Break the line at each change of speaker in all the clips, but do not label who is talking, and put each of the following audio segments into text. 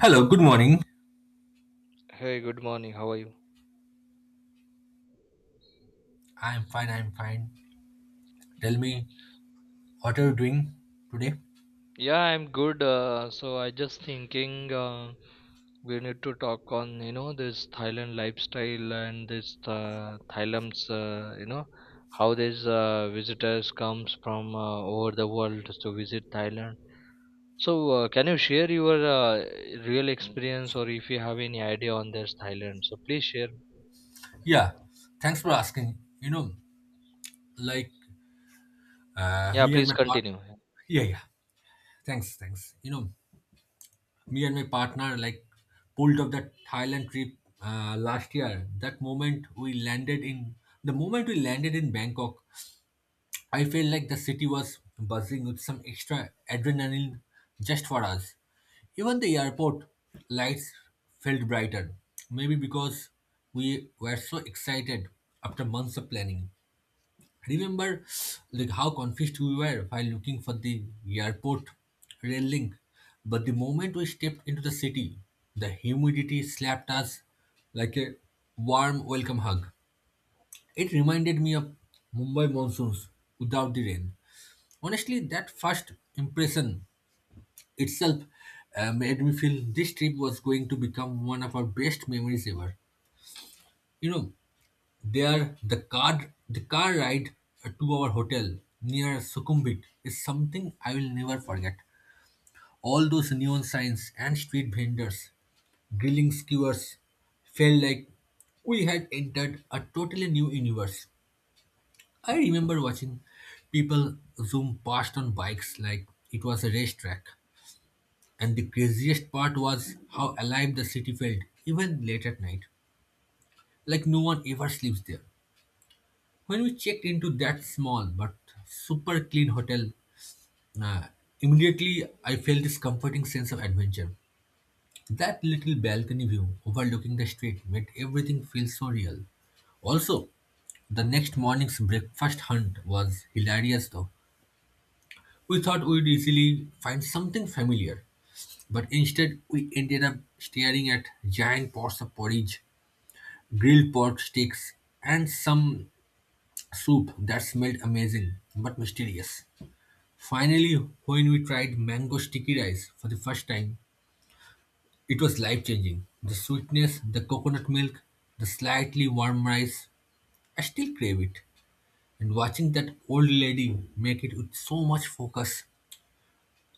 Hello, good morning.
Hey, good morning. How are you?
I'm fine, I'm fine. Tell me, what are you doing today?
Yeah, I'm good. So I just thinking we need to talk on this Thailand lifestyle and this Thailand's how these visitors comes from over the world to visit Thailand. So can you share your real experience or if you have any idea on this Thailand? So please share.
Yeah, thanks for asking. You know, like
Yeah,
me and
please
my partner.
continue.
Yeah, yeah. Thanks, thanks. You know, me and my partner like pulled off that Thailand trip last year. That moment we landed in, The moment we landed in Bangkok, I feel like the city was buzzing with some extra adrenaline just for us. Even the airport lights felt brighter, maybe because we were so excited after months of planning. Remember like how confused we were while looking for the airport rail link. But the moment we stepped into the city, the humidity slapped us like a warm welcome hug. It reminded me of Mumbai monsoons without the rain. Honestly, that first impression itself made me feel this trip was going to become one of our best memories ever. You know, the car ride to our hotel near Sukhumvit is something I will never forget. All those neon signs and street vendors, grilling skewers, felt like we had entered a totally new universe. I remember watching people zoom past on bikes like it was a racetrack. And the craziest part was how alive the city felt, even late at night. Like no one ever sleeps there. When we checked into that small but super clean hotel, uh, immediately I felt this comforting sense of adventure. That little balcony view overlooking the street made everything feel so real. Also, the next morning's breakfast hunt was hilarious though. We thought we'd easily find something familiar, but instead we ended up staring at giant pots of porridge, grilled pork sticks, and some soup that smelled amazing but mysterious. Finally, when we tried mango sticky rice for the first time, it was life changing. The sweetness, the coconut milk, the slightly warm rice, I still crave it. And watching that old lady make it with so much focus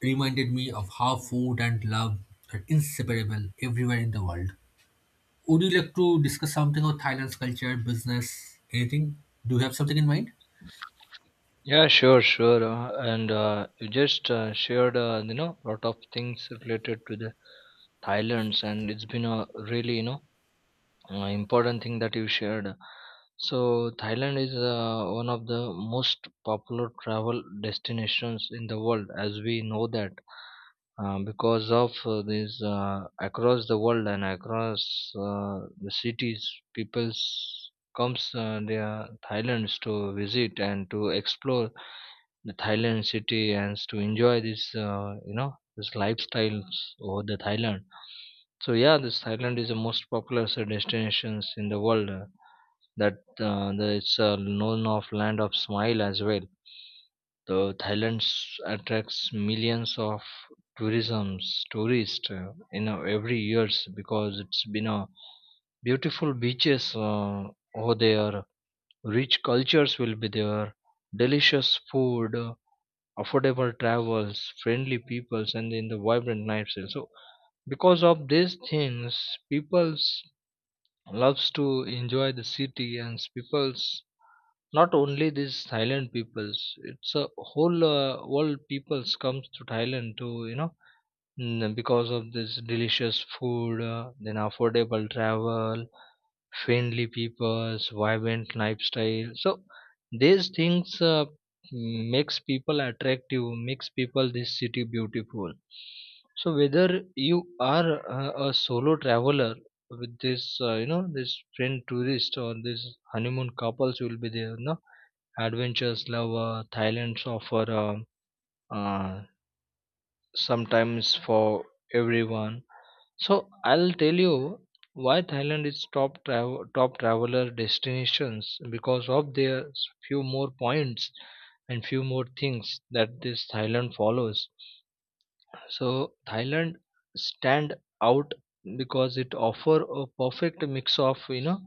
reminded me of how food and love are inseparable everywhere in the world. Would you like to discuss something about Thailand's culture, business, anything? Do you have something in mind?
Yeah, sure, sure. And you just shared, lot of things related to the Thailand's, and it's been a really, important thing that you shared. So Thailand is one of the most popular travel destinations in the world, as we know that, because of this across the world and across the cities, people's comes their Thailand's to visit and to explore the Thailand city and to enjoy this this lifestyles over the Thailand. So yeah, this Thailand is the most popular destinations in the world. That it's known of land of smile as well. The Thailand attracts millions of tourism tourists every years because it's been a beautiful beaches over there. Rich cultures will be there, delicious food, affordable travels, friendly peoples, and then the vibrant lifestyle. So because of these things, people's loves to enjoy the city and people's not only these Thailand peoples. It's a whole world peoples comes to Thailand to because of this delicious food, then affordable travel, friendly peoples vibrant lifestyle, so these things uh, makes people attractive, makes people this city beautiful. So whether you are a solo traveler with this this friend tourist or this honeymoon couples will be there, no adventures lover, thailand's offer uh, sometimes for everyone. So I'll tell you why Thailand is top travel, top traveler destinations, because of their few more points and few more things that this Thailand follows. So Thailand stand out because it offer a perfect mix of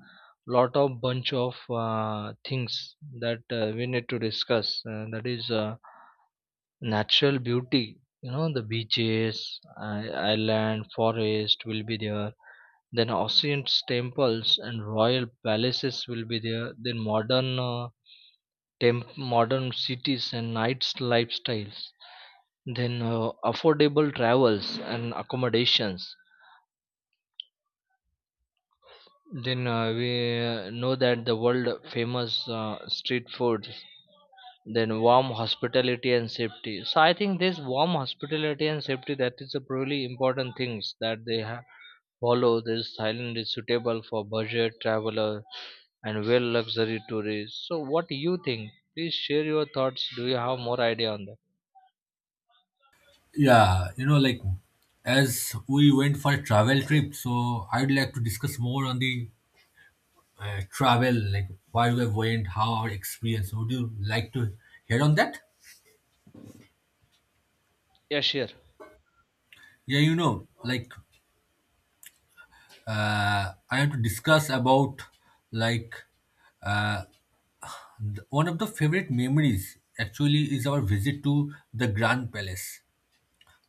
lot of bunch of things that we need to discuss. That is natural beauty, the beaches, island, forest will be there, then ancient temples and royal palaces will be there, then modern cities and nights lifestyles, then affordable travels and accommodations, then we know that the world famous street food, then warm hospitality and safety. So I think this warm hospitality and safety, that is a really important things that they have follow. This thailand is suitable for budget traveler and well luxury tourists. So what do you think? Please share your thoughts. Do you have more idea on that?
Yeah, you know, like as we went for a travel trip, so I'd like to discuss more on the travel, like why we went, how our experience. Would you like to hear on that?
Yeah, sure.
Yeah, you know, like I have to discuss about like one of the favorite memories actually is our visit to the Grand Palace.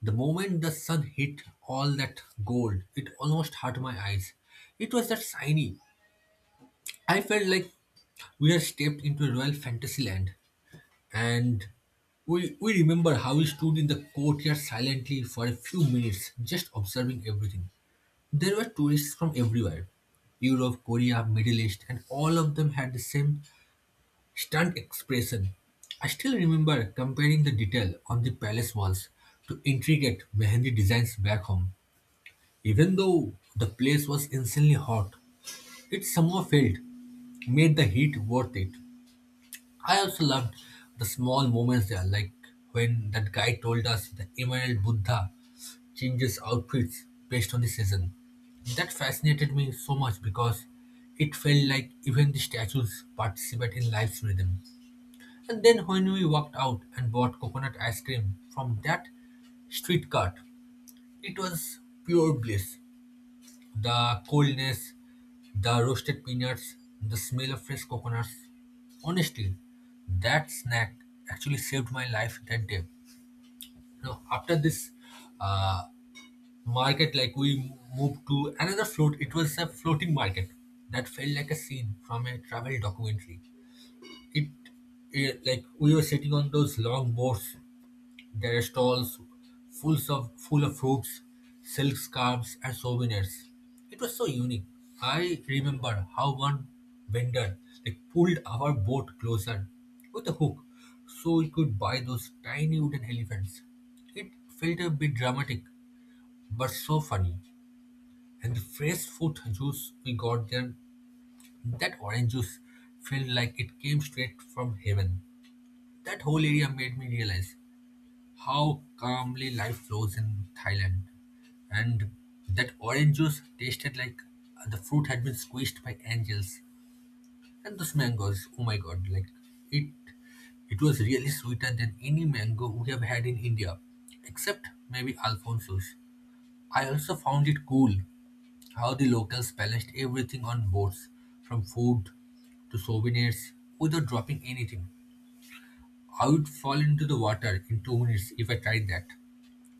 The moment the sun hit all that gold, it almost hurt my eyes. It was that shiny. I felt like we had stepped into a royal fantasy land. And we remember how we stood in the courtyard silently for a few minutes, just observing everything. There were tourists from everywhere: Europe, Korea, Middle East, and all of them had the same stunt expression. I still remember comparing the detail on the palace walls to intricate Mehendi designs back home. Even though the place was insanely hot, it somehow felt made the heat worth it. I also loved the small moments there, like when that guy told us the Emerald Buddha changes outfits based on the season. That fascinated me so much because it felt like even the statues participate in life's rhythm. And then when we walked out and bought coconut ice cream from that street cart, it was pure bliss. The coolness, the roasted peanuts, the smell of fresh coconuts. Honestly, that snack actually saved my life that day. Now, after this uh, market, like we moved to another float, it was a floating market that felt like a scene from a travel documentary. It yeah, like we were sitting on those long boards. There are stalls full of fruits, silk scarves, and souvenirs. It was so unique. I remember how one vendor like pulled our boat closer with a hook so we could buy those tiny wooden elephants. It felt a bit dramatic, but so funny. And the fresh fruit juice we got there, that orange juice felt like it came straight from heaven. That whole area made me realize how calmly life flows in Thailand. And that orange juice tasted like the fruit had been squeezed by angels. And those mangoes, oh my god, like it it was really sweeter than any mango we have had in India, except maybe Alfonso's. I also found it cool how the locals balanced everything on boards, from food to souvenirs, without dropping anything. I would fall into the water in 2 minutes if I tried that.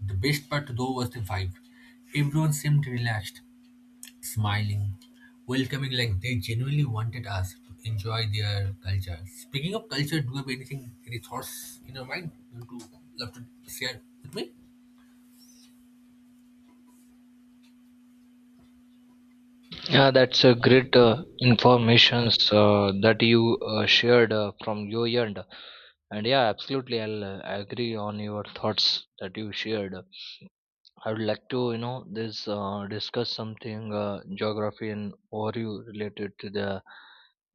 The best part though was the vibe. Everyone seemed relaxed, smiling, welcoming like they genuinely wanted us to enjoy their culture. Speaking of culture, do you have anything, any thoughts in your mind you want to love to share with me?
Yeah, that's a great informations that you shared from your end, and yeah, absolutely, I'll agree on your thoughts that you shared. I would like to, you know, this discuss something geography and overview related to the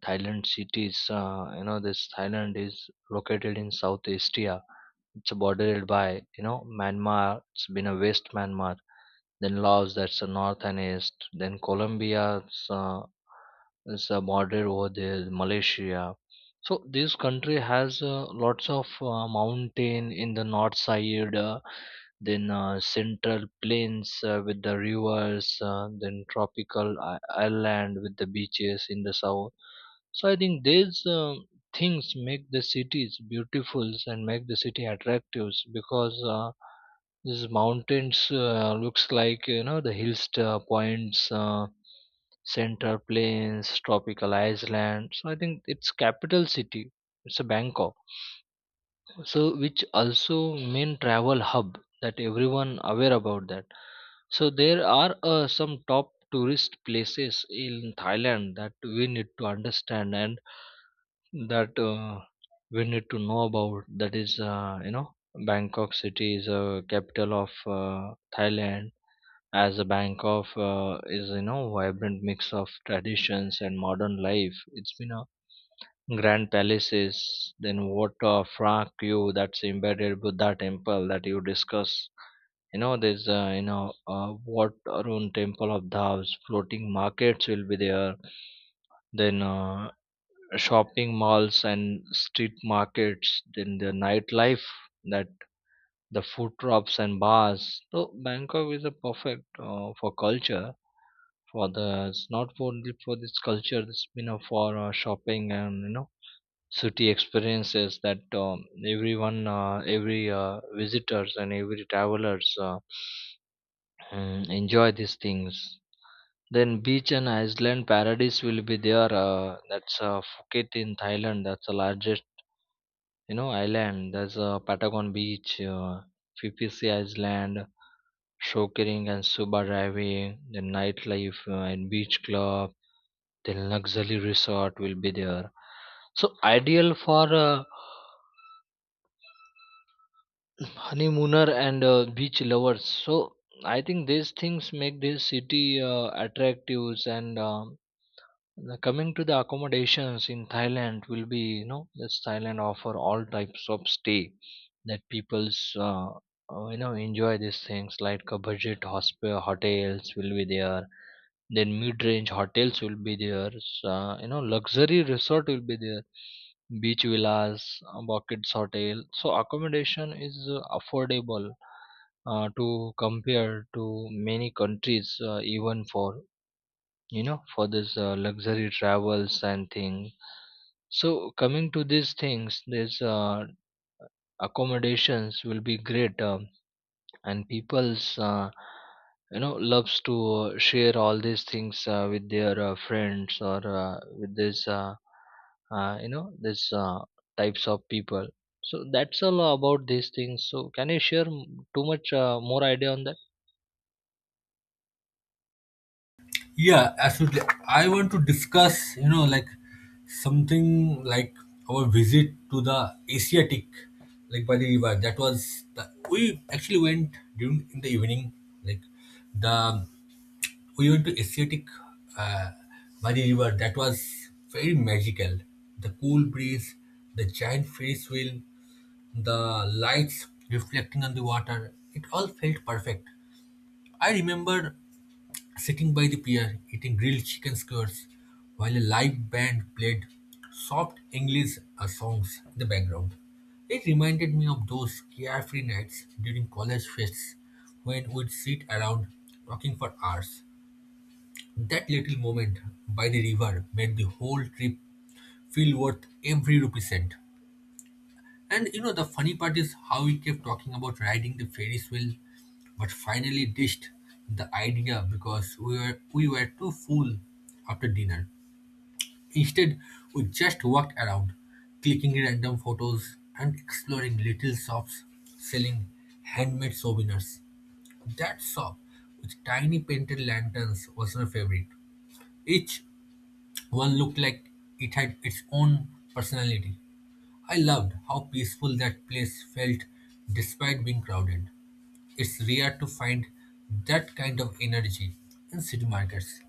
Thailand cities. This Thailand is located in Southeast Asia. It's bordered by, Myanmar. It's been a West Myanmar, then Laos. That's the north and east. Then Colombia. It's, is border over there Malaysia. So this country has lots of mountain in the north side, then central plains with the rivers, then island with the beaches in the south. So I think these things make the cities beautiful and make the city attractive, because these mountains looks like the hill points, central plains, tropical island. So I think it's capital city. It's a Bangkok. So which also main travel hub that everyone aware about that. So there are some top tourist places in Thailand that we need to understand and that we need to know about. That is bangkok city is a capital of thailand. As a bangkok is vibrant mix of traditions and modern life. It's been a grand palaces, then water Phra you, that's embedded buddha temple that you discuss. There's what around temple of Dhaws, floating markets will be there, then shopping malls and street markets, then the nightlife, that the food drops and bars. So bangkok is a perfect for culture. For the, it's not only for this culture, it's for shopping and city experiences, that everyone, every visitors and every travelers enjoy these things. Then beach and island paradise will be there, that's phuket in thailand, that's the largest island. There's a patagon beach, ppc island, shockering and scuba diving, the nightlife, and beach club, the luxury resort will be there. So ideal for honeymooner and beach lovers. So I think these things make this city attractive, and now coming to the accommodations in Thailand will be, this Thailand offer all types of stay that people's enjoy these things, like a budget hospital hotels will be there, then mid-range hotels will be there so, luxury resort will be there, beach villas, buckets hotel. So accommodation is affordable to compare to many countries, even for for this luxury travels and thing. So coming to these things, these accommodations will be great, and people's loves to share all these things with their friends or with this uh, you know this uh, types of people. So that's all about these things. So can you share too much more idea on that?
Yeah, absolutely. I want to discuss, you know, like something like our visit to the Asiatic, like by the river. We actually went during in the evening, like the we went to Asiatic uh, Mari River. That was very magical. The cool breeze, the giant Ferris wheel, the lights reflecting on the water. It all felt perfect. I remember sitting by the pier, eating grilled chicken skewers, while a live band played soft English songs in the background. It reminded me of those carefree nights during college fests when we'd sit around talking for hours. That little moment by the river made the whole trip feel worth every rupee cent. And you know, the funny part is how we kept talking about riding the Ferris wheel, but finally ditched the idea because we were too full after dinner. Instead, we just walked around, clicking random photos and exploring little shops selling handmade souvenirs. That shop with tiny painted lanterns was my favorite. Each one looked like it had its own personality. I loved how peaceful that place felt despite being crowded. It's rare to find that kind of energy in city markets.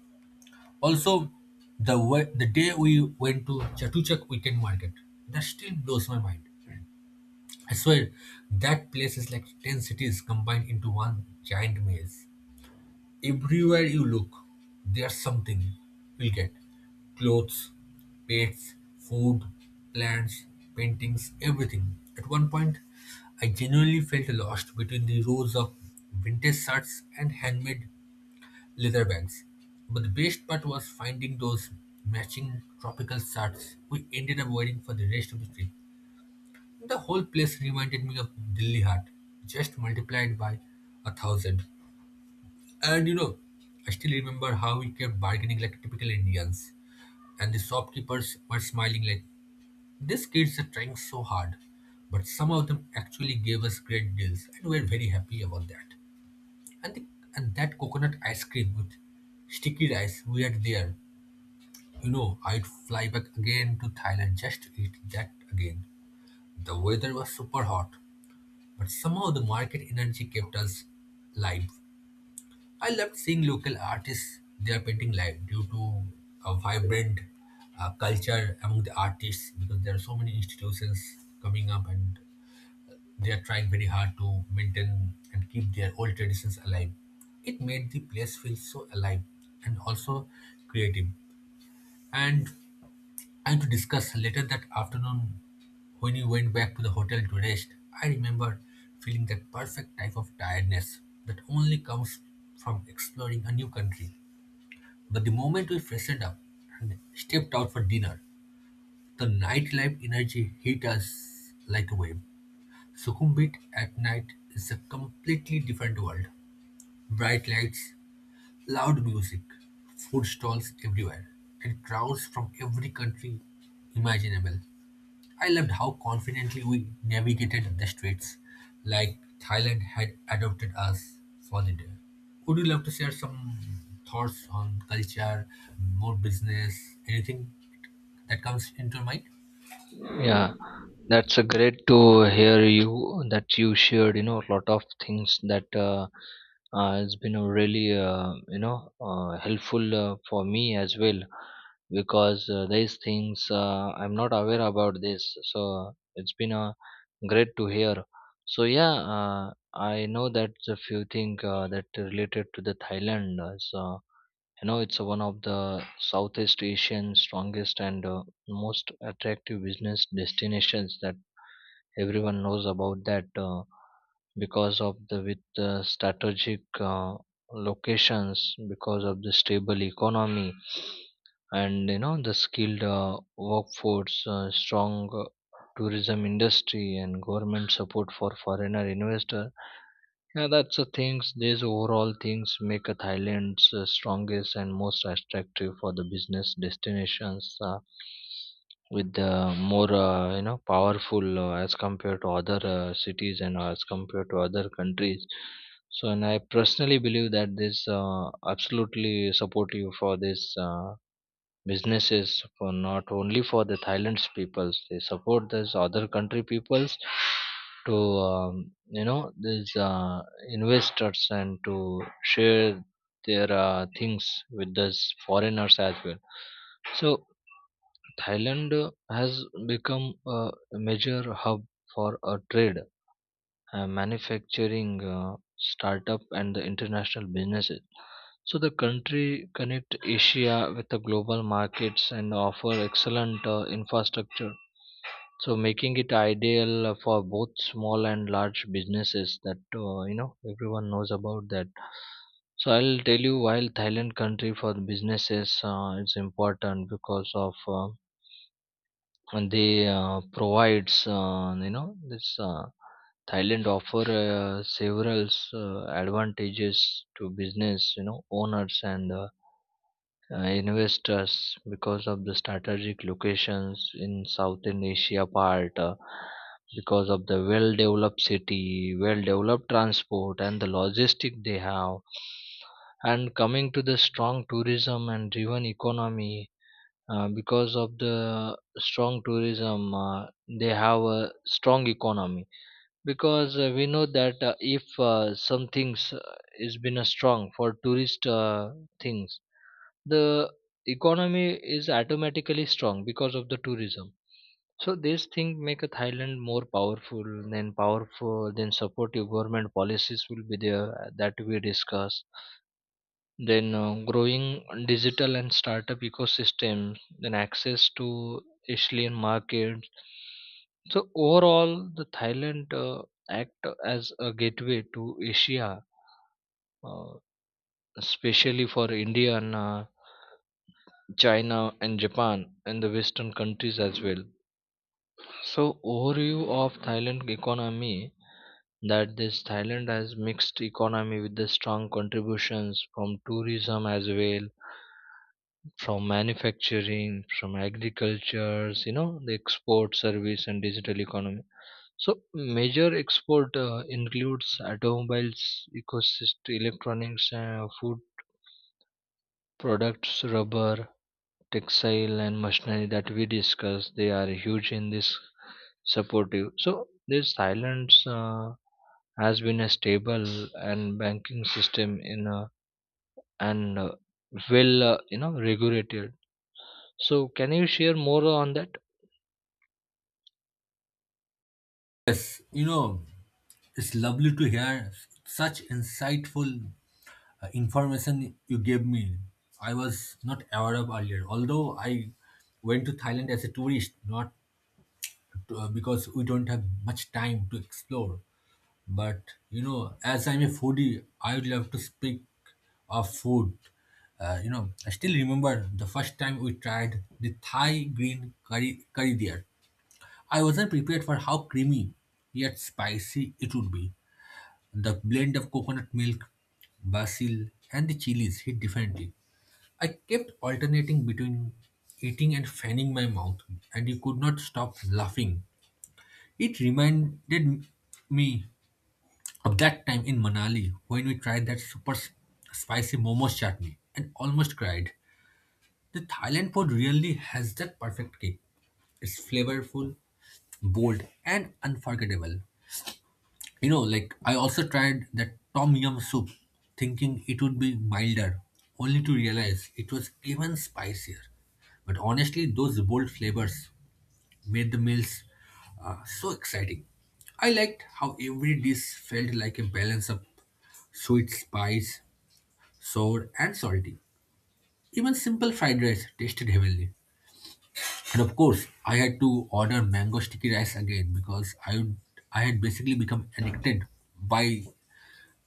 Also, the way, the day we went to Chatuchak weekend market, that still blows my mind. I swear, that place is like 10 cities combined into one giant maze. Everywhere you look, there's something you will get. Clothes, pets, food, plants, paintings, everything. At one point, I genuinely felt lost between the rows of vintage shirts and handmade leather bags. But the best part was finding those matching tropical shirts we ended up wearing for the rest of the trip. The whole place reminded me of Delhi Heart, just multiplied by a thousand. And you know, I still remember how we kept bargaining like typical Indians, and the shopkeepers were smiling like, these kids are trying so hard. But some of them actually gave us great deals, and we are very happy about that. And, the, and that coconut ice cream with sticky rice we had there, you know, I'd fly back again to Thailand just to eat that again. The weather was super hot, but somehow the market energy kept us live. I loved seeing local artists, their painting live due to a vibrant culture among the artists because there are so many institutions coming up and they are trying very hard to maintain and keep their old traditions alive. It made the place feel so alive and also creative. And and to discuss later that afternoon when we went back to the hotel to rest, I remember feeling that perfect type of tiredness that only comes from exploring a new country. But the moment we freshened up and stepped out for dinner, the nightlife energy hit us like a wave. Sukhumvit at night is a completely different world. Bright lights, loud music, food stalls everywhere, and crowds from every country imaginable. I loved how confidently we navigated the streets, like Thailand had adopted us for the day. Would you love to share some thoughts on culture, more business, anything that comes into your mind?
Yeah, that's a great to hear you that you shared, a lot of things that has been a really, helpful for me as well, because these things I'm not aware about this. So it's been a great to hear. So yeah, I know that a few things that related to the Thailand. So it's one of the southeast asian strongest and most attractive business destinations that everyone knows about that, because of the with the strategic uh, locations, because of the stable economy, and the skilled workforce, strong uh, tourism industry, and government support for foreigner investors. Yeah, that's the things. These overall things make a Thailand's strongest and most attractive for the business destinations, with the more powerful as compared to other cities and as compared to other countries. So, and I personally believe that this absolutely supportive for this. Businesses for not only for the Thailand's peoples. They support this other country peoples to these investors and to share their things with these foreigners as well. So Thailand has become a major hub for a trade, manufacturing, startup and the international businesses. So the country connect asia with the global markets and offer excellent infrastructure, so making it ideal for both small and large businesses, that everyone knows about that. So I'll tell you while thailand country for the businesses, it's important because of and they provides, you know this Thailand offer several advantages to business, owners and investors, because of the strategic locations in Southern Asia part, because of the well-developed city, well-developed transport, and the logistic they have. And coming to the strong tourism and driven economy, because of the strong tourism, they have a strong economy, because we know that if some things is been a strong for tourist things, the economy is automatically strong because of the tourism. So this thing make a thailand more powerful, then powerful, then supportive government policies will be there, that we discuss, then growing digital and startup ecosystem, then access to asian markets. So overall the thailand act as a gateway to asia, uh, especially for india and china and japan and the western countries as well. So overview of thailand economy, that this thailand has mixed economy with the strong contributions from tourism as well, from manufacturing, from agricultures, the export service and digital economy. So major export includes automobiles, ecosystem, electronics, food products, rubber, textile, and machinery that we discussed. They are huge in this supportive. So this silence has been a stable and banking system in a, and well, regulated. So can you share more on that?
Yes, you know, it's lovely to hear such insightful information you gave me. I was not aware of earlier, although I went to Thailand as a tourist, not because we don't have much time to explore. But you know, as I'm a foodie, I would love to speak of food. You know, I still remember the first time we tried the Thai green curry there. I wasn't prepared for how creamy yet spicy it would be. The blend of coconut milk, basil, and the chilies hit differently. I kept alternating between eating and fanning my mouth, and you could not stop laughing it reminded me of that time in Manali when we tried that super spicy momos chutney and almost cried. The Thailand food really has that perfect kick. It's flavorful, bold, and unforgettable. You know, like I also tried that tom yum soup, thinking it would be milder, only to realize it was even spicier. But honestly, those bold flavors made the meals so exciting. I liked how every dish felt like a balance of sweet, spice, sour, and salty. Even simple fried rice tasted heavenly. And of course, I had to order mango sticky rice again because I had basically become addicted by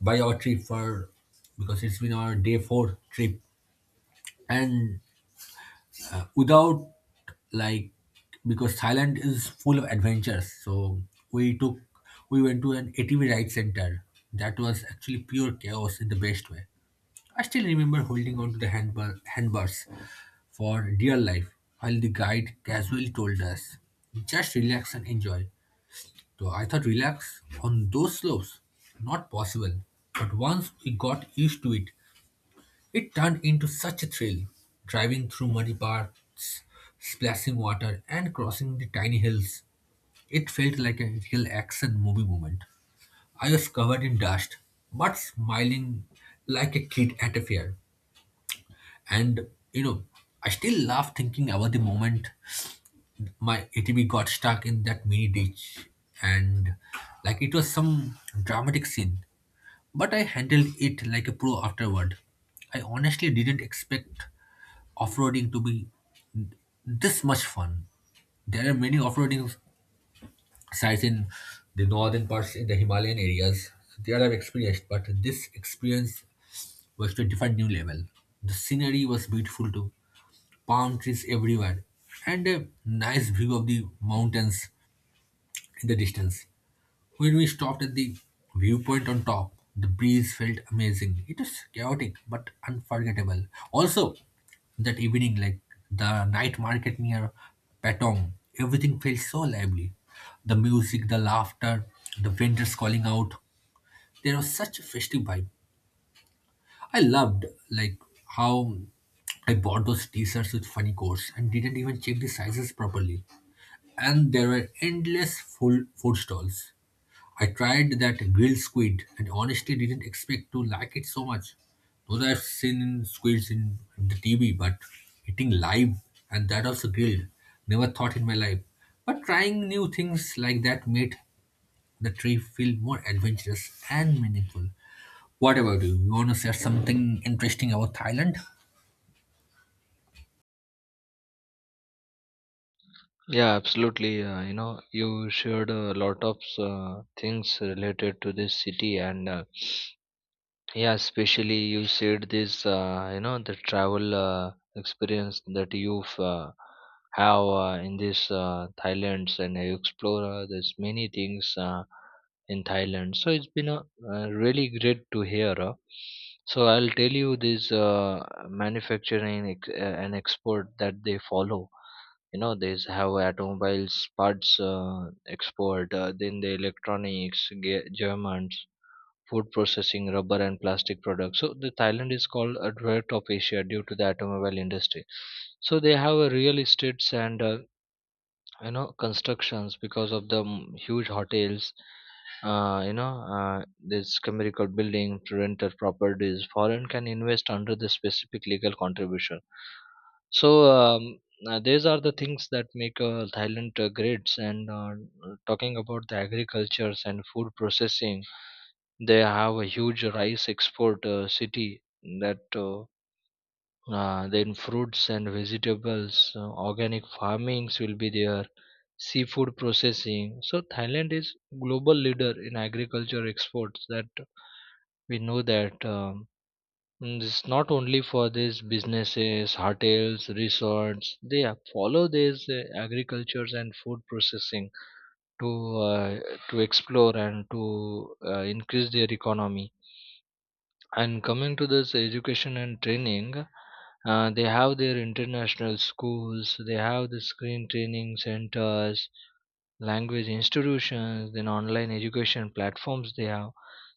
by our trip for because it's been our day four trip and without like because Thailand is full of adventures. So we took we went to an ATV ride center that was actually pure chaos in the best way. I still remember holding on to the handbars for dear life while the guide casually told us just relax and enjoy. So I thought relax on those slopes not possible. But once we got used to it, it turned into such a thrill, driving through muddy paths, splashing water, and crossing the tiny hills. It felt like a real action movie moment. I was covered in dust, but smiling like a kid at a fair. And you know, I still laugh thinking about the moment my ATV got stuck in that mini ditch, and like it was some dramatic scene. But I handled it like a pro afterward. I honestly didn't expect off-roading to be this much fun. There are many off-roading sites in the northern parts in the Himalayan areas. There I've experienced, but this experience was to a different new level. The scenery was beautiful too, palm trees everywhere, and a nice view of the mountains in the distance. When we stopped at the viewpoint on top, the breeze felt amazing. It was chaotic but unforgettable. Also, that evening, like the night market near Patong, everything felt so lively. The music, the laughter, the vendors calling out. There was such a festive vibe. I loved like how I bought those t-shirts with funny codes and didn't even check the sizes properly. And there were endless full food stalls. I tried that grilled squid and honestly didn't expect to like it so much. Those I've seen in squids in the TV, but eating live and that also grilled, never thought in my life. But trying new things like that made the trip feel more adventurous and meaningful. What about you? You want to say something interesting about Thailand?
Yeah, absolutely. You shared a lot of things related to this city, and yeah, especially you said this, the travel experience that you've have in this Thailand, and you explore there's many things in Thailand. So it's been a, really great to hear. So I'll tell you this manufacturing and export that they follow. These have automobiles parts export, then the electronics germans, food processing, rubber and plastic products. So the thailand is called a drug of asia due to the automobile industry. So they have a real estates and constructions, because of the huge hotels, uh, you know uh, this chemical building to rental properties, foreign can invest under the specific legal contribution. So these are the things that make thailand great, and talking about the agricultures and food processing, they have a huge rice export city, that then fruits and vegetables, organic farmings will be there, seafood processing. So thailand is global leader in agriculture exports, that we know that. And it's not only for these businesses, hotels, resorts, they follow these agricultures and food processing to uh, to explore and to increase their economy. And coming to this education and training, they have their international schools, they have the screen training centers, language institutions, then online education platforms they have.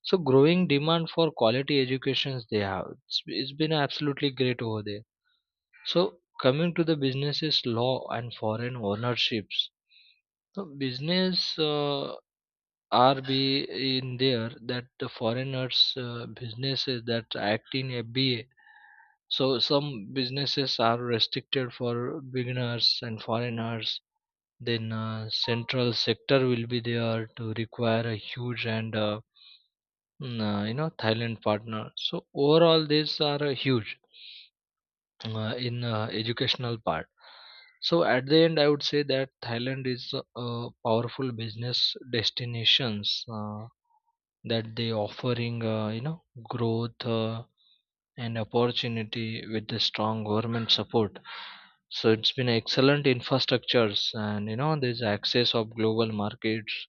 So growing demand for quality educations they have. It's been absolutely great over there. So coming to the businesses law and foreign ownerships. So business are be in there that the foreigners businesses that act in FBA. So some businesses are restricted for beginners and foreigners. Then central sector will be there to require a huge and Thailand partner. So overall, these are huge in educational part. So at the end, I would say that Thailand is a powerful business destinations. That they offering growth and opportunity with the strong government support. So it's been excellent infrastructures and there's access of global markets.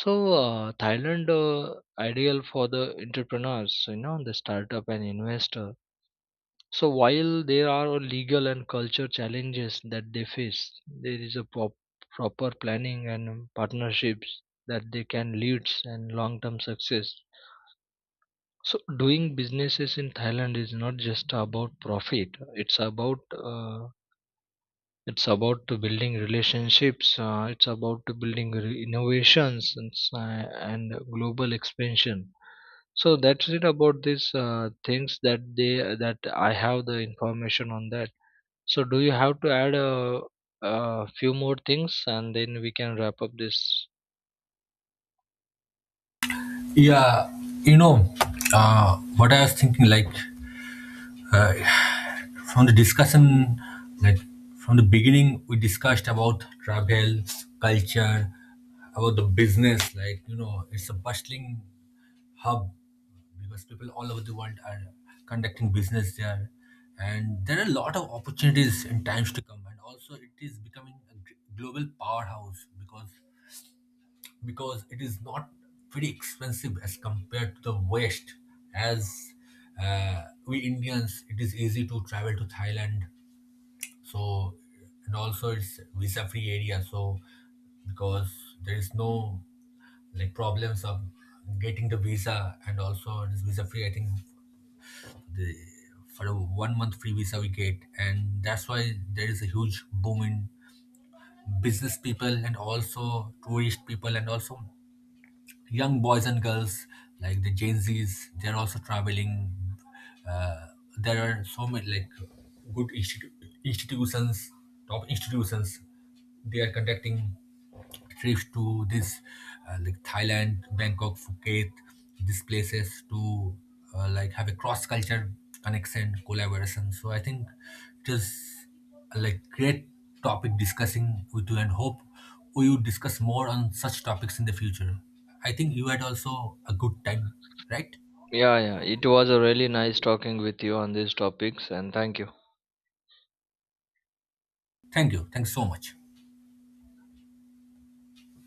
So thailand ideal for the entrepreneurs, the startup and investor. So while there are legal and culture challenges that they face, there is a proper planning and partnerships that they can lead and long term success. So doing businesses in Thailand is not just about profit. It's about to building relationships. It's about to building innovations and, and global expansion. So that's it about these things that they, that I have the information on that. So do you have to add a few more things and then we can wrap up this?
Yeah, you know, what I was thinking like, uh, From the discussion, like from the beginning, we discussed about travel, culture, about the business. Like you know, it's a bustling hub because people all over the world are conducting business there, and there are a lot of opportunities in times to come. And also, it is becoming a global powerhouse because it is not very expensive as compared to the West, as we Indians, it is easy to travel to Thailand so and also it's visa free area so because there is no like problems of getting the visa and also it is visa free I think the for a one month free visa we get, and that's why there is a huge boom in business people and also tourist people and also young boys and girls like the Gen Zs, they're also traveling. Uh, there are so many like good institutions, top institutions. They are conducting trips to this like Thailand, Bangkok, Phuket, these places to like have a cross culture connection, collaboration. So I think it is like great topic discussing with you, and hope we would discuss more on such topics in the future. I think you had also a good time, right?
Yeah, yeah. It was a really nice talking with you on these topics, and thank you.
Thank you. Thanks so much.